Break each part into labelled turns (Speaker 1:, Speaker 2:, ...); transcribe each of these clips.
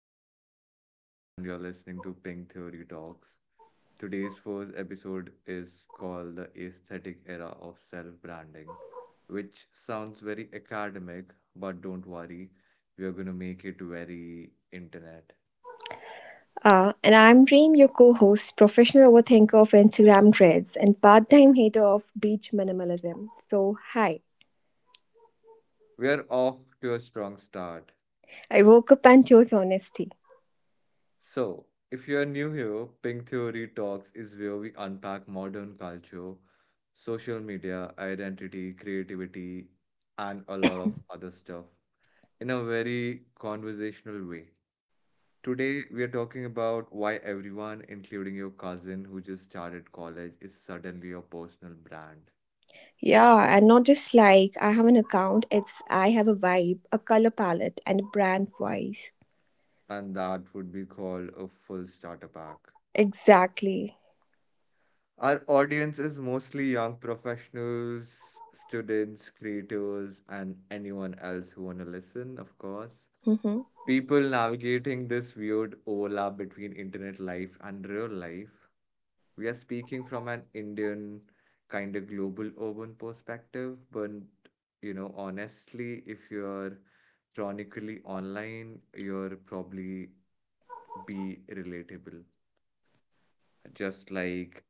Speaker 1: host Prateek, and you're listening to Pink Theory Talks. Today's first episode is called The Aesthetic Era of Self Branding, which sounds very academic, but don't worry, we are going to make it very internet.
Speaker 2: And I'm Reem, your co host, professional overthinker of Instagram threads, and part time hater of beach minimalism. So, hi.
Speaker 1: We are off to a strong start.
Speaker 2: I woke up and chose honesty.
Speaker 1: So, if you're new here, Pink Theory Talks is where we unpack modern culture, social media, identity, creativity, and a lot of other stuff in a very conversational way. Today, we are talking about why everyone, including your cousin who just started college, is suddenly a personal brand.
Speaker 2: Yeah, and not just like I have an account, it's I have a vibe, a color palette, and a brand voice.
Speaker 1: And that would be called a full starter pack.
Speaker 2: Exactly.
Speaker 1: Our audience is mostly young professionals, students, creators, and anyone else who want to listen, of course. People navigating this weird overlap between internet life and real life. We are speaking from an Indian kind of global urban perspective, but honestly, if you're chronically online, you're probably be relatable. Just like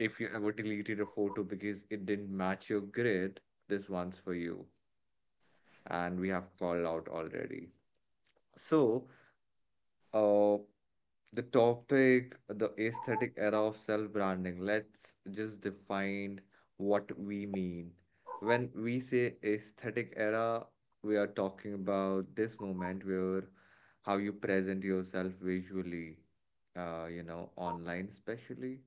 Speaker 1: if you ever deleted a photo because it didn't match your grid, this one's for you. And we have called out already. So, uh, The topic, the aesthetic era of self-branding. Let's just define what we mean. When we say aesthetic era, we are talking about this moment where how you present yourself visually, online especially,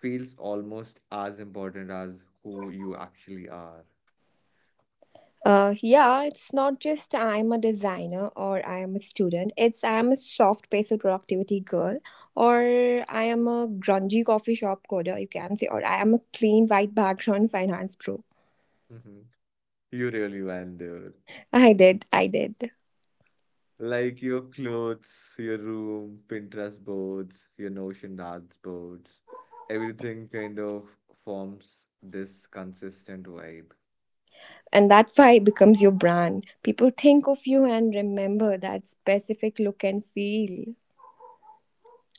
Speaker 1: feels almost as important as who you actually are.
Speaker 2: Yeah, it's not just I'm a designer or I am a student. It's I am a soft-paced productivity girl, or I am a grungy coffee shop coder, you can say, or I am a clean white background finance pro.
Speaker 1: Hmm. You really went there.
Speaker 2: I did, I did.
Speaker 1: Like your clothes, your room, Pinterest boards, your Notion dashboards, everything kind of forms this consistent vibe.
Speaker 2: And that vibe becomes your brand. People think of you and remember that specific look and feel.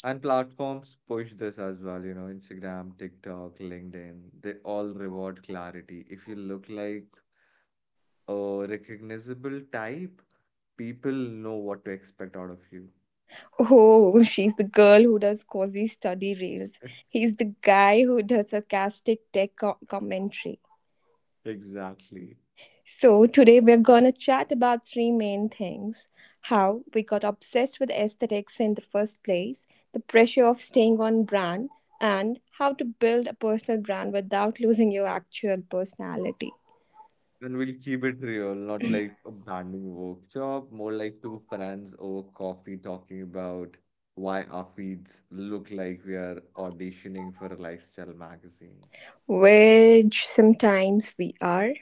Speaker 1: And platforms push this as well, you know, Instagram, TikTok, LinkedIn, they all reward clarity. If you look like a recognizable type, people know what to expect out of you.
Speaker 2: Oh, she's the girl who does cozy study reels. He's the guy who does sarcastic commentary.
Speaker 1: Exactly.
Speaker 2: So, today we're gonna chat about three main things: how we got obsessed with aesthetics in the first place, the pressure of staying on brand, and how to build a personal brand without losing your actual personality,
Speaker 1: And we'll keep it real, not like a branding workshop, more like two friends over coffee talking about why our feeds look like we are auditioning for a lifestyle magazine.
Speaker 2: which sometimes we are.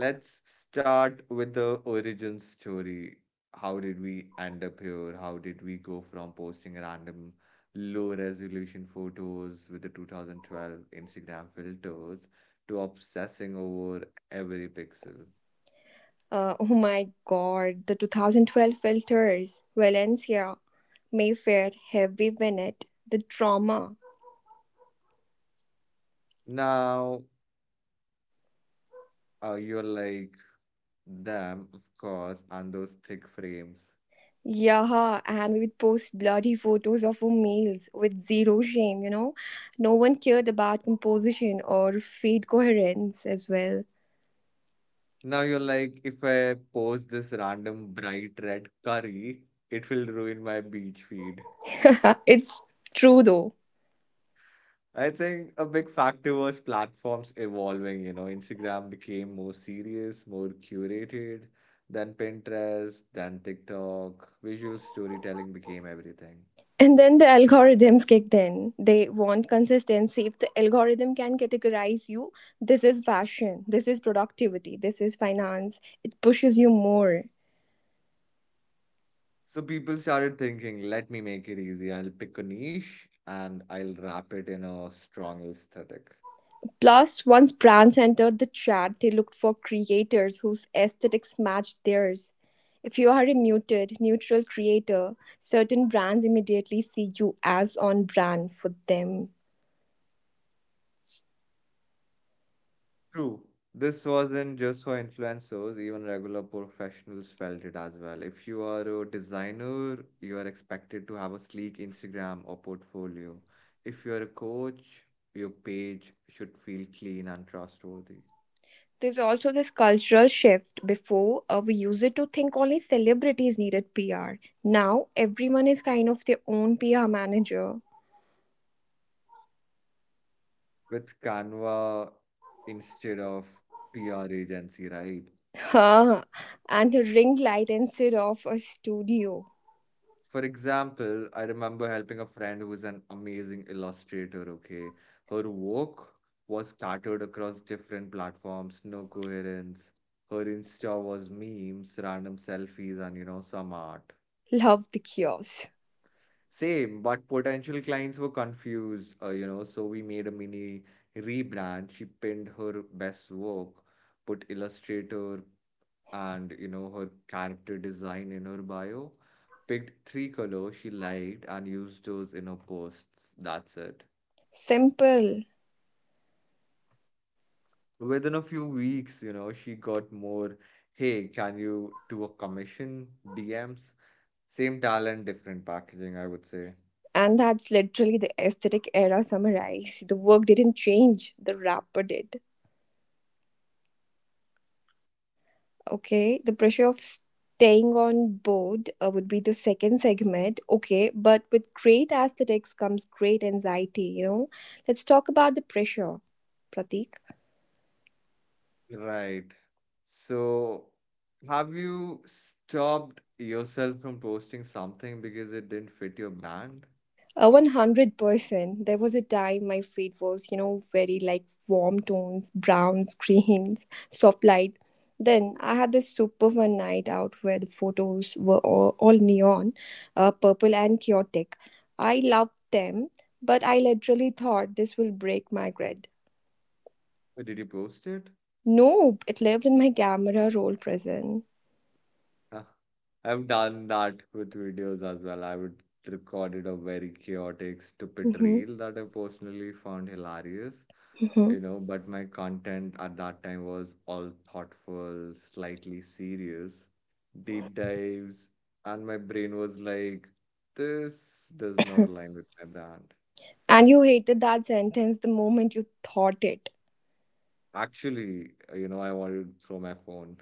Speaker 1: Let's start with the origin story. How did we end up here? How did we go from posting random low resolution photos with the 2012 Instagram filters to obsessing over every pixel?
Speaker 2: Oh my god, the 2012 filters, Valencia, Mayfair, Heavy Winnet, the trauma.
Speaker 1: Now, you're like them, of course, and those thick frames.
Speaker 2: Yeah, and we would post bloody photos of our meals with zero shame, you know. No one cared about composition or feed coherence as well.
Speaker 1: Now you're like, if I post this random bright red curry, it will ruin my beach feed.
Speaker 2: It's true though.
Speaker 1: I think a big factor was platforms evolving. You know, Instagram became more serious, more curated than Pinterest, than TikTok. Visual storytelling became everything.
Speaker 2: And then the algorithms kicked in. They want consistency. If the algorithm can categorize you, this is fashion, this is productivity, this is finance, it pushes you more.
Speaker 1: So people started thinking, let me make it easy. I'll pick a niche and I'll wrap it in a strong aesthetic.
Speaker 2: Plus, once brands entered the chat, they looked for creators whose aesthetics matched theirs. If you are a muted, neutral creator, certain brands immediately see you as on brand for them.
Speaker 1: True. This wasn't just for influencers, even regular professionals felt it as well. If you are a designer, you are expected to have a sleek Instagram or portfolio. If you are a coach, your page should feel clean and trustworthy.
Speaker 2: There's also this cultural shift. Before, we used it to think only celebrities needed PR. Now, everyone is kind of their own PR manager.
Speaker 1: With Canva instead of PR agency, right?
Speaker 2: Huh. And a ring light instead of a studio.
Speaker 1: For example, I remember helping a friend who was an amazing illustrator, okay? Her work was scattered across different platforms, no coherence. Her Insta was memes, random selfies, and some art.
Speaker 2: Love the chaos.
Speaker 1: Same, but potential clients were confused, so we made a mini rebrand. She pinned her best work, put illustrator, and her character design in her bio, picked three colors she liked and used those in her posts, that's it.
Speaker 2: Simple.
Speaker 1: Within a few weeks, she got more, hey can you do a commission DMs, same talent different packaging, I would say.
Speaker 2: And that's literally the aesthetic era summarized. The work didn't change, the rapper did. Okay, the pressure of staying on board would be the second segment. Okay, but with great aesthetics comes great anxiety, you know. Let's talk about the pressure, Pratik.
Speaker 1: right so have you stopped yourself from posting something because it didn't fit your brand,
Speaker 2: 100%. There was a time my feed was, you know, very like warm tones, browns, greens, soft light. Then I had this super fun night out where the photos were all, neon, purple, and chaotic. I loved them, but I literally thought this will break my grid.
Speaker 1: or did you post it?
Speaker 2: Nope, it lived in my camera roll prison.
Speaker 1: Uh, I've done that with videos as well. I would Recorded a very chaotic, stupid
Speaker 2: hmm
Speaker 1: reel that I personally found hilarious,
Speaker 2: hmm
Speaker 1: but my content at that time was all thoughtful, slightly serious, deep dives, and my brain was like, this does not align with my brand.
Speaker 2: And you hated that sentence the moment you thought it.
Speaker 1: Actually, I wanted to throw my phone.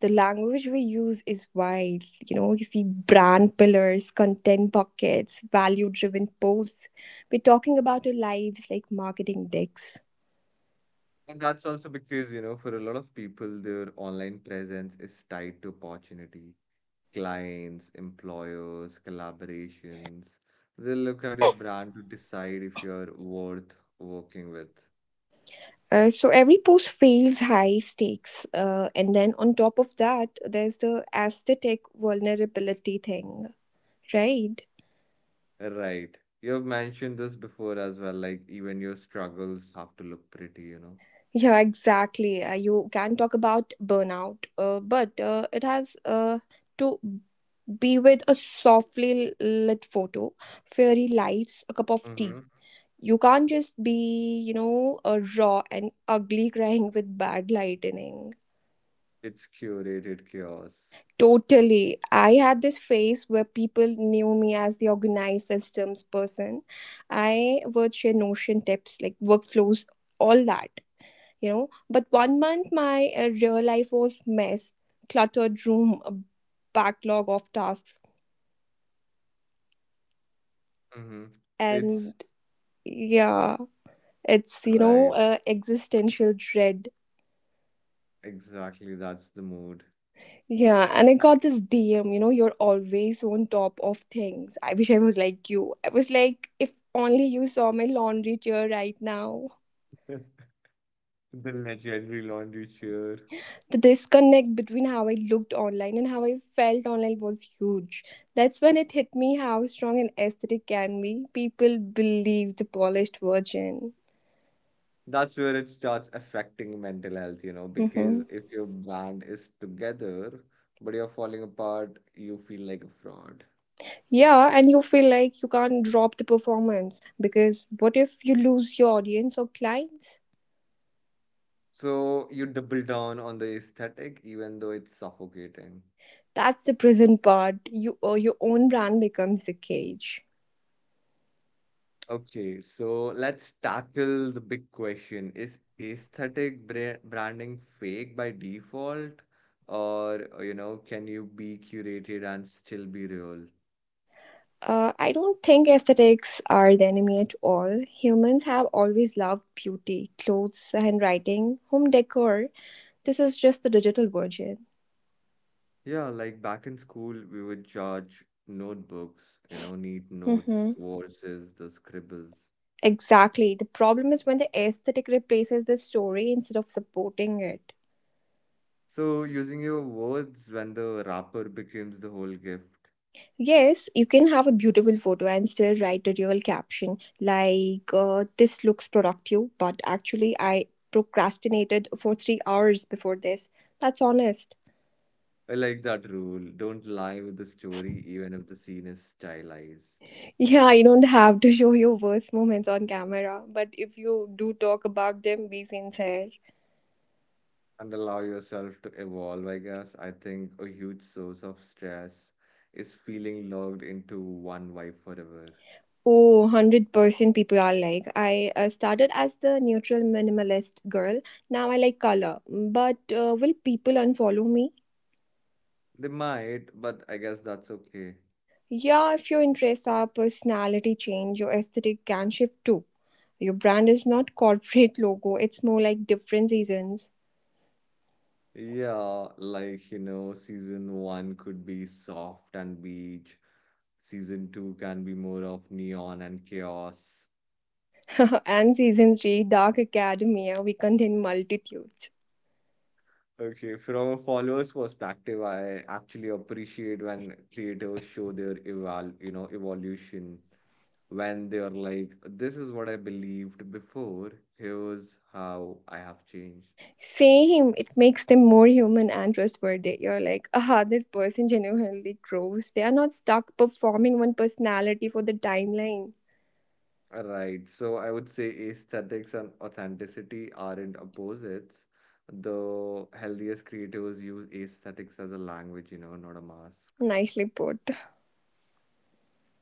Speaker 2: The language we use is wild. You know, you see brand pillars, content buckets, value driven posts. We're talking about our lives like marketing decks.
Speaker 1: And that's also because, you know, for a lot of people, their online presence is tied to opportunity, clients, employers, collaborations. They look at your brand to decide if you're worth working with.
Speaker 2: So every post feels high stakes. And then on top of that, there's the aesthetic vulnerability thing, right?
Speaker 1: Right. You have mentioned this before as well, like even your struggles have to look pretty, you know.
Speaker 2: Yeah, exactly. You can talk about burnout, but it has to be with a softly lit photo, fairy lights, a cup of tea.
Speaker 1: Mm-hmm.
Speaker 2: You can't just be, you know, a raw and ugly crying with bad lightning.
Speaker 1: It's curated chaos.
Speaker 2: Totally. I had this phase where people knew me as the organized systems person. I would share Notion tips like workflows, all that, you know. But one month, my real life was mess, cluttered room, a backlog of tasks,
Speaker 1: Mm-hmm.
Speaker 2: and
Speaker 1: It's
Speaker 2: yeah, it's
Speaker 1: right.
Speaker 2: existential dread.
Speaker 1: Exactly. That's the mood.
Speaker 2: Yeah, and I got this DM, you know, you're always on top of things. I wish I was like you. I was like, if only you saw my laundry chair right now.
Speaker 1: The legendary laundry chair.
Speaker 2: The disconnect between how I looked online and how I felt online was huge. That's when it hit me how strong an aesthetic can be. People believe the polished version.
Speaker 1: That's where it starts affecting mental health, you know,
Speaker 2: Hmm.
Speaker 1: because if your band is together but you're falling apart, you feel like a fraud.
Speaker 2: Yeah, and you feel like you can't drop the performance because what if you lose your audience or clients?
Speaker 1: So you double down on the aesthetic even though it's suffocating.
Speaker 2: That's the prison part. You or your own brand becomes the cage.
Speaker 1: Okay, so let's tackle the big question. Is aesthetic bra branding fake by default? Or can you be curated and still be real?
Speaker 2: I don't think aesthetics are the enemy at all. Humans have always loved beauty, clothes, handwriting, home decor. This is just the digital version.
Speaker 1: Yeah, like back in school, we would judge notebooks, you know, neat notes
Speaker 2: Mm-hmm.
Speaker 1: versus the scribbles.
Speaker 2: Exactly. The problem is when the aesthetic replaces the story instead of supporting it.
Speaker 1: So using your words, when the wrapper becomes the whole gift.
Speaker 2: Yes, you can have a beautiful photo and still write a real caption like, "This looks productive, but actually, I procrastinated for three hours before this." That's honest.
Speaker 1: I like that rule. Don't lie with the story, even if the scene is stylized.
Speaker 2: Yeah, you don't have to show your worst moments on camera, but if you do talk about them, be sincere.
Speaker 1: And allow yourself to evolve, I guess. I think a huge source of stress is feeling locked into one vibe forever.
Speaker 2: Oh, 100% people are like, I started as the neutral minimalist girl. Now I like color. But will people unfollow me?
Speaker 1: They might, but I guess that's okay.
Speaker 2: Yeah, if your interests are personality change, your aesthetic can shift too. Your brand is not corporate logo, it's more like different seasons.
Speaker 1: Yeah, like, you know, season one could be soft and beach. Season two can be more of neon and chaos.
Speaker 2: And season 3, Dark Academia, we contain multitudes.
Speaker 1: Okay, from a follower's perspective, I actually appreciate when creators show their eval, you know, evolution, when they're like, this is what I believed before, here's how I have changed.
Speaker 2: Same. It makes them more human and trustworthy. You're like, ah, this person genuinely grows. They are not stuck performing one personality for the timeline.
Speaker 1: Right. So I would say aesthetics and authenticity aren't opposites. The healthiest creators use aesthetics as a language, you know, not a mask.
Speaker 2: Nicely put.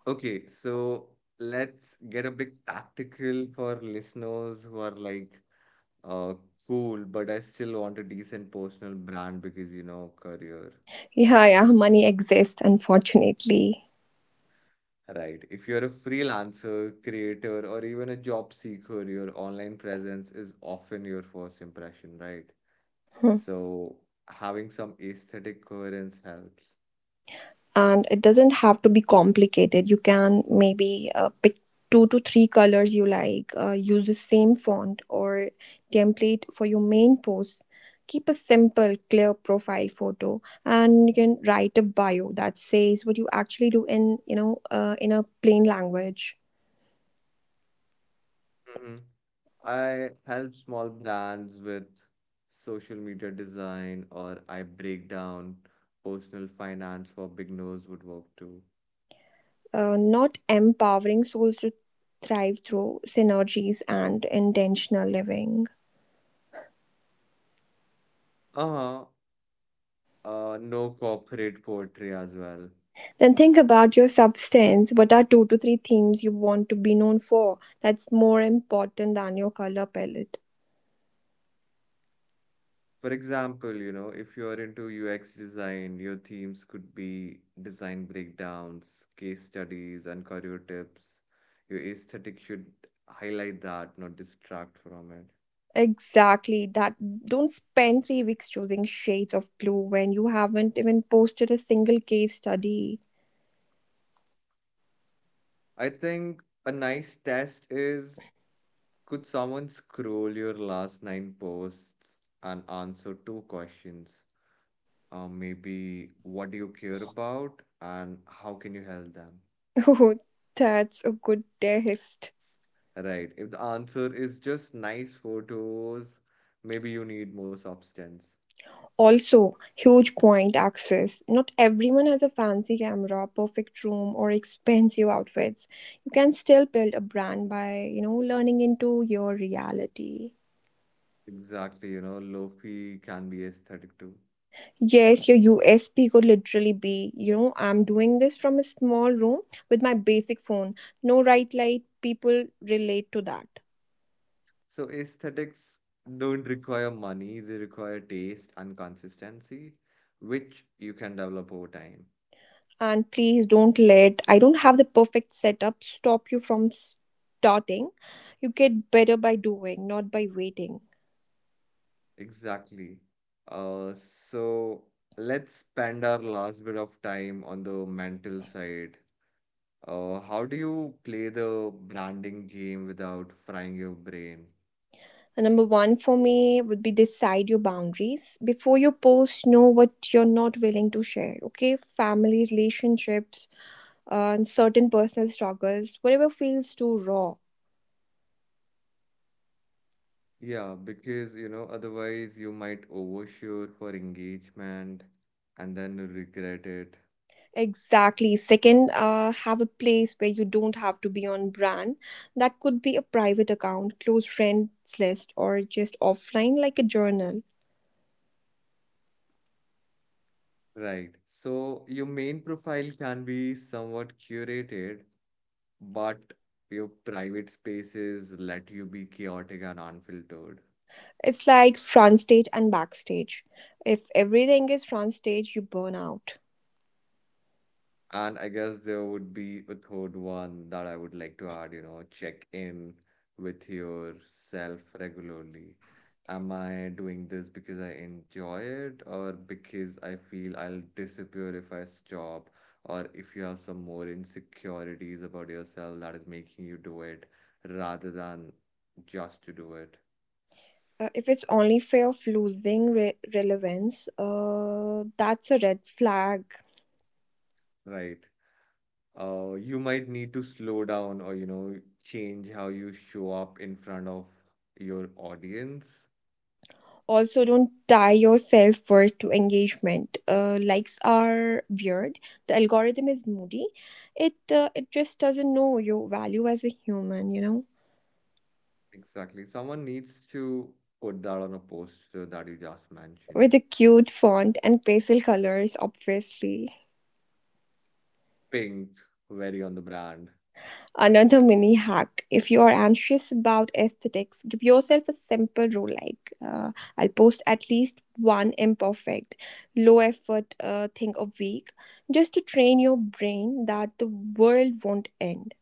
Speaker 1: Okay, so let's get a bit tactical for listeners who are like, uh, cool, but I still want a decent personal brand because, you know, career.
Speaker 2: Yeah, yeah, money exists, unfortunately.
Speaker 1: Right. If you're a freelancer, creator, or even a job seeker, your online presence is often your first impression, right?
Speaker 2: Hmm.
Speaker 1: So having some aesthetic coherence helps.
Speaker 2: And it doesn't have to be complicated. You can maybe pick two to three colors you like, use the same font or template for your main post. Keep a simple, clear profile photo, and you can write a bio that says what you actually do in in a plain language.
Speaker 1: Mm-hmm. I help small brands with social media design, or I break down personal finance for beginners would work too.
Speaker 2: Not empowering souls to thrive through synergies and intentional living.
Speaker 1: Uh-huh. No corporate poetry as well.
Speaker 2: Then think about your substance. What are two to three things you want to be known for? That's more important than your color palette.
Speaker 1: For example, you know, if you're into UX design, your themes could be design breakdowns, case studies, and career tips. Your aesthetic should highlight that, not distract from it.
Speaker 2: Exactly. That Don't spend three weeks choosing shades of blue when you haven't even posted a single case study.
Speaker 1: I think a nice test is, could someone scroll your last nine posts and answer two questions? Maybe, what do you care about and how can you help them?
Speaker 2: Oh, that's a good test.
Speaker 1: Right. If the answer is just nice photos, maybe you need more substance.
Speaker 2: Also, huge point access. Not everyone has a fancy camera, perfect room, or expensive outfits. You can still build a brand by, you know, learning into your reality.
Speaker 1: Exactly, you know, lofi can be aesthetic too.
Speaker 2: Yes, your USP could literally be, you know, I'm doing this from a small room with my basic phone. No right light, people relate to that.
Speaker 1: So aesthetics don't require money, they require taste and consistency, which you can develop over time.
Speaker 2: And please don't let, I don't have the perfect setup, stop you from starting. You get better by doing, not by waiting.
Speaker 1: Exactly. So let's spend our last bit of time on the mental side. How do you play the branding game without frying your brain?
Speaker 2: And number one for me would be decide your boundaries. Before you post, know what you're not willing to share, okay? Family relationships, and certain personal struggles, whatever feels too raw.
Speaker 1: Yeah, because you know, otherwise you might overshoot for engagement and then regret it.
Speaker 2: Exactly. Second, have a place where you don't have to be on brand. That could be a private account, close friends list, or just offline like a journal.
Speaker 1: Right. So your main profile can be somewhat curated, but your private spaces let you be chaotic and unfiltered.
Speaker 2: It's like front stage and backstage. If everything is front stage, you burn out.
Speaker 1: And I guess there would be a third one that I would like to add, you know, check in with yourself regularly. Am I doing this because I enjoy it or because I feel I'll disappear if I stop? Or if you have some more insecurities about yourself that is making you do it rather than just to do it,
Speaker 2: If it's only fear of losing relevance, that's a red flag.
Speaker 1: right? You might need to slow down or, you know, change how you show up in front of your audience.
Speaker 2: Also, don't tie your self worth to engagement. Likes are weird. The algorithm is moody. It just doesn't know your value as a human, you know.
Speaker 1: Exactly. Someone needs to put that on a poster that you just mentioned.
Speaker 2: With a cute font and pastel colors, obviously.
Speaker 1: Pink, very on the brand.
Speaker 2: Another mini hack: if you are anxious about aesthetics, give yourself a simple rule like "I'll post at least one imperfect, low effort thing a week," just to train your brain that the world won't end.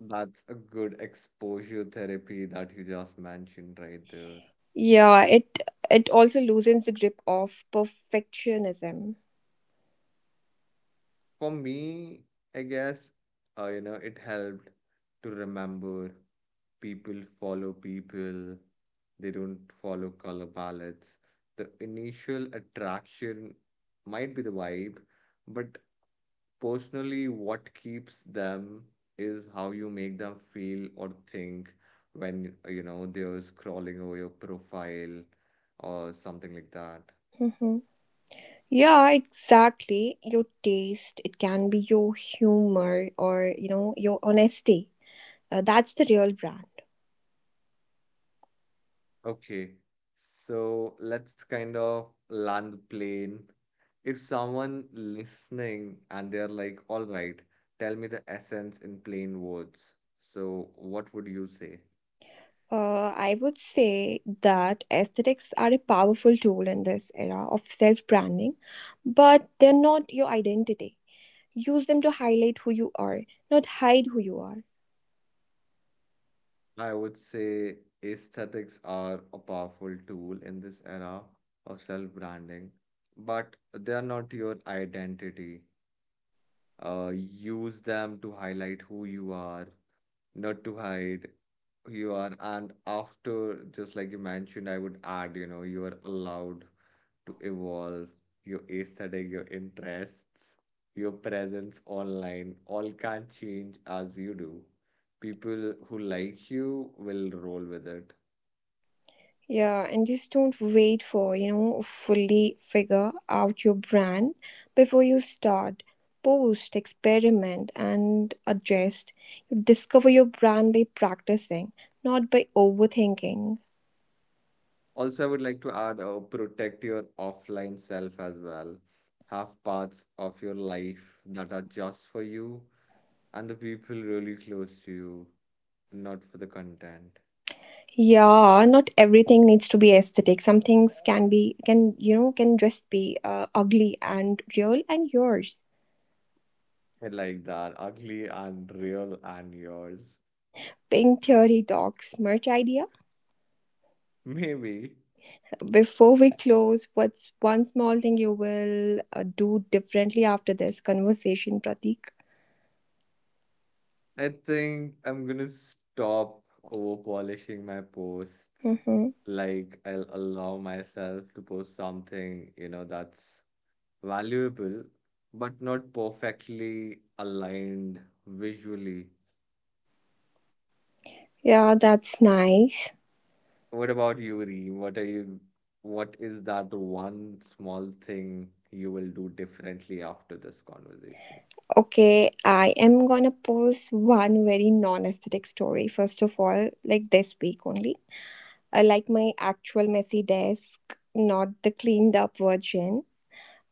Speaker 1: That's a good exposure therapy that you just mentioned right there.
Speaker 2: Yeah, it also loosens the grip of perfectionism.
Speaker 1: For me, I guess, it helped to remember, people follow people, they don't follow color palettes. The initial attraction might be the vibe, but personally, what keeps them is how you make them feel or think when, they're scrolling over your profile or something like that.
Speaker 2: Mhm. Yeah, exactly. Your taste, it can be your humor or, you know, your honesty. That's the real brand.
Speaker 1: Okay, so let's kind of land the plane. If someone listening and they're like, all right, tell me the essence in plain words. So, what would you say?
Speaker 2: I would say that aesthetics are a powerful tool in this era of self branding, but they're not your identity. Use them to highlight who you are, not hide who you are.
Speaker 1: I would say aesthetics are a powerful tool in this era of self-branding, but they are not your identity. Use them to highlight who you are, not to hide who you are. And after, just like you mentioned, I would add, you know, you are allowed to evolve your aesthetic, your interests, your presence online, all can change as you do. People who like you will roll with it.
Speaker 2: Yeah, and just don't wait for, you know, fully figure out your brand before you start. Post, experiment, and adjust. You discover your brand by practicing, not by overthinking.
Speaker 1: Also, I would like to add protect your offline self as well. Have parts of your life that are just for you and the people really close to you, not for the content.
Speaker 2: Yeah, not everything needs to be aesthetic. Some things can be, can, you know, can just be ugly and real and yours.
Speaker 1: I like that. Ugly and real and yours.
Speaker 2: Pink theory talks, merch idea.
Speaker 1: Maybe
Speaker 2: Before we close, what's one small thing you will do differently after this conversation, Pratik?
Speaker 1: I think I'm gonna stop over polishing my posts.
Speaker 2: Mm-hmm.
Speaker 1: Like, I'll allow myself to post something, you know, that's valuable, but not perfectly aligned visually.
Speaker 2: Yeah, that's nice.
Speaker 1: What about you, Ree? What is that one small thing you will do differently after this conversation?
Speaker 2: Okay, I am gonna post one very non aesthetic story, first of all, like this week only. I like my actual messy desk, not the cleaned up version.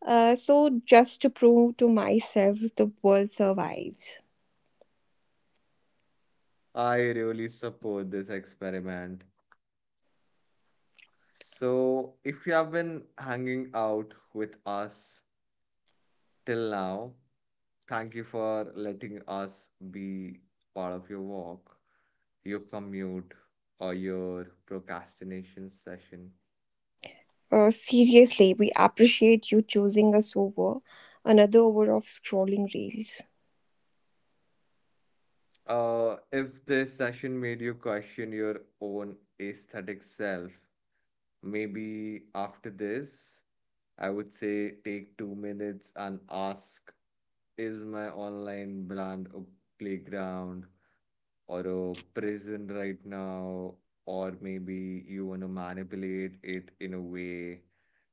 Speaker 2: So, just to prove to myself the world survives.
Speaker 1: I really support this experiment. So, if you have been hanging out with us till now, thank you for letting us be part of your walk, your commute, or your procrastination session.
Speaker 2: Seriously, we appreciate you choosing us over another hour of scrolling reels.
Speaker 1: If this session made you question your own aesthetic self, maybe after this, I would say take 2 minutes and ask, is my online brand a playground or a prison right now, or maybe you want to manipulate it in a way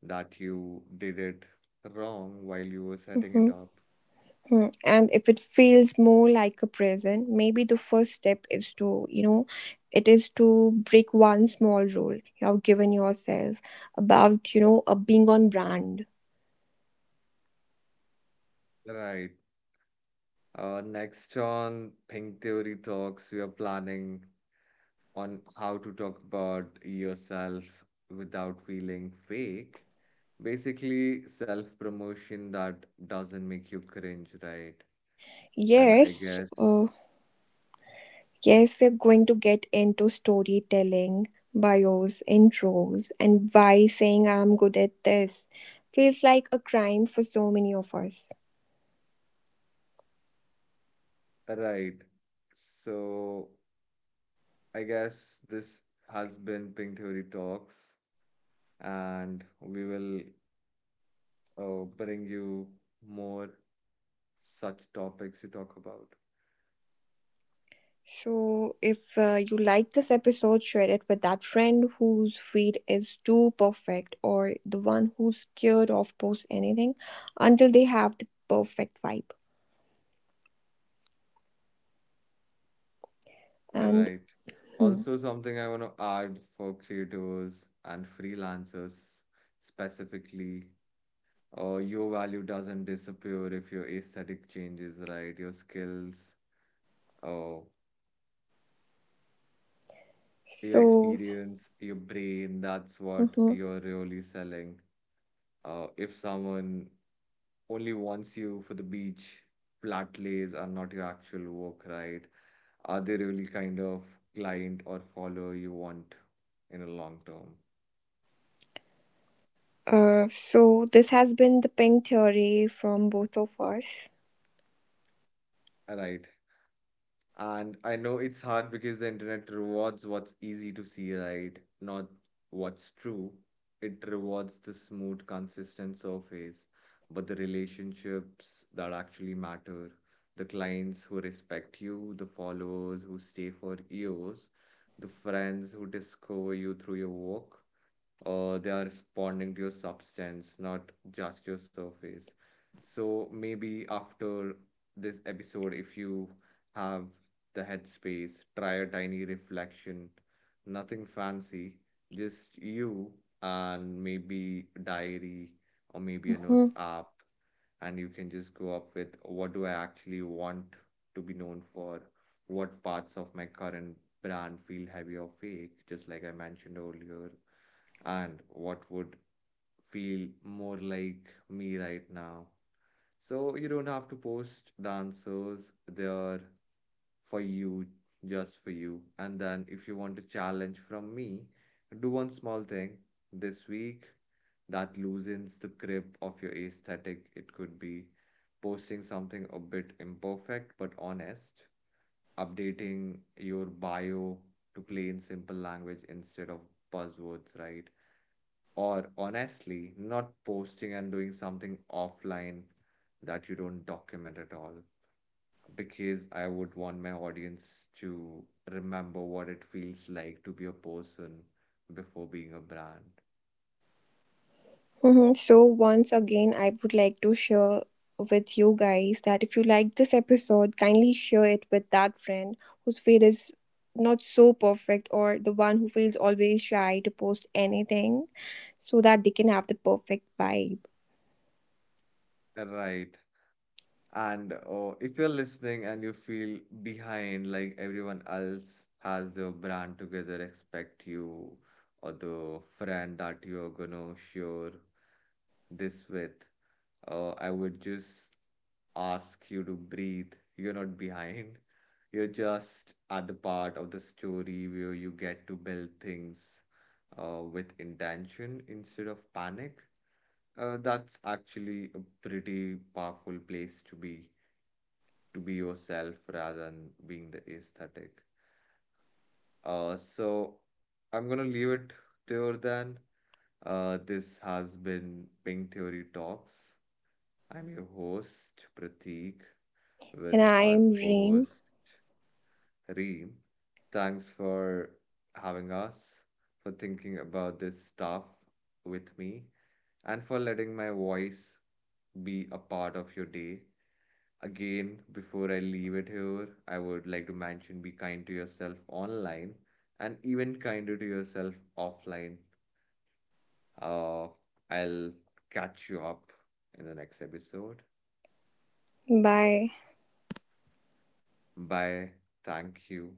Speaker 1: that you did it wrong while you were setting it
Speaker 2: Mhm,
Speaker 1: up.
Speaker 2: mhm. And if it feels more like a prison, maybe the first step is to, you know, it is to break one small rule you have given yourself about, you know, being on brand.
Speaker 1: Right. Next on Pink Theory Talks, we are planning on how to talk about yourself without feeling fake. Basically, self-promotion that doesn't make you cringe, right? And I
Speaker 2: Yes, uh,
Speaker 1: guess,
Speaker 2: yes, we're going to get into storytelling, bios, intros, and why saying I'm good at this feels like a crime for so many of us.
Speaker 1: right. So I guess this has been Pink Theory Talks, and we will bring you more such topics to talk about.
Speaker 2: So, if you like this episode, share it with that friend whose feed is too perfect or the one who's scared of post anything until they have the perfect vibe. And
Speaker 1: Right.
Speaker 2: hmm,
Speaker 1: Also, something I want to add for creators and freelancers specifically. Your value doesn't disappear if your aesthetic changes, right? Your skills, uh, your
Speaker 2: so,
Speaker 1: experience, your brain, that's what
Speaker 2: mhm.
Speaker 1: you're really selling. If someone only wants you for the beach. Flat lays are not your actual work, right? Are they really kind of client or follower you want in a long term?
Speaker 2: So this has been the pink theory from both of us.
Speaker 1: Right. And I know it's hard because the internet rewards what's easy to see, right? Not what's true. It rewards the smooth, consistent surface, but the relationships that actually matter, the clients who respect you, the followers who stay for years, the friends who discover you through your work, or they are responding to your substance, not just your surface. So maybe after this episode, if you have the headspace, try a tiny reflection, nothing fancy, just you and maybe a diary or maybe a
Speaker 2: Mhm.
Speaker 1: notes app, and you can just go up with, what do I actually want to be known for, what parts of my current brand feel heavy or fake, just like I mentioned earlier, and what would feel more like me right now. So you don't have to post the answers, they're for you, just for you. And then if you want a challenge from me, do one small thing this week that loosens the grip of your aesthetic. It could be posting something a bit imperfect but honest, updating your bio to plain simple language instead of buzzwords, right? Or honestly, not posting and doing something offline that you don't document at all. Because I would want my audience to remember what it feels like to be a person before being a brand.
Speaker 2: Mhm. So, once again, I would like to share with you guys that if you like this episode, kindly share it with that friend whose feed is not so perfect or the one who feels always shy to post anything so that they can have the perfect vibe.
Speaker 1: Right. And if you're listening and you feel behind, like everyone else has their brand together, expect you or the friend that you're gonna share this with, I would just ask you to breathe. You're not behind. You're just at the part of the story where you get to build things with intention instead of panic. That's actually a pretty powerful place to be yourself rather than being the aesthetic. So I'm gonna leave it there then. This has been Pink Theory Talks. I'm your host, Prateek,
Speaker 2: And
Speaker 1: with
Speaker 2: I
Speaker 1: our
Speaker 2: am Reem.
Speaker 1: co-host Reem. Thanks for having us, for thinking about this stuff with me, and for letting my voice be a part of your day. Again, before I leave it here, I would like to mention, be kind to yourself online and even kinder to yourself offline. Uh, I'll catch you up in the next episode.
Speaker 2: Bye.
Speaker 1: Bye. Thank you.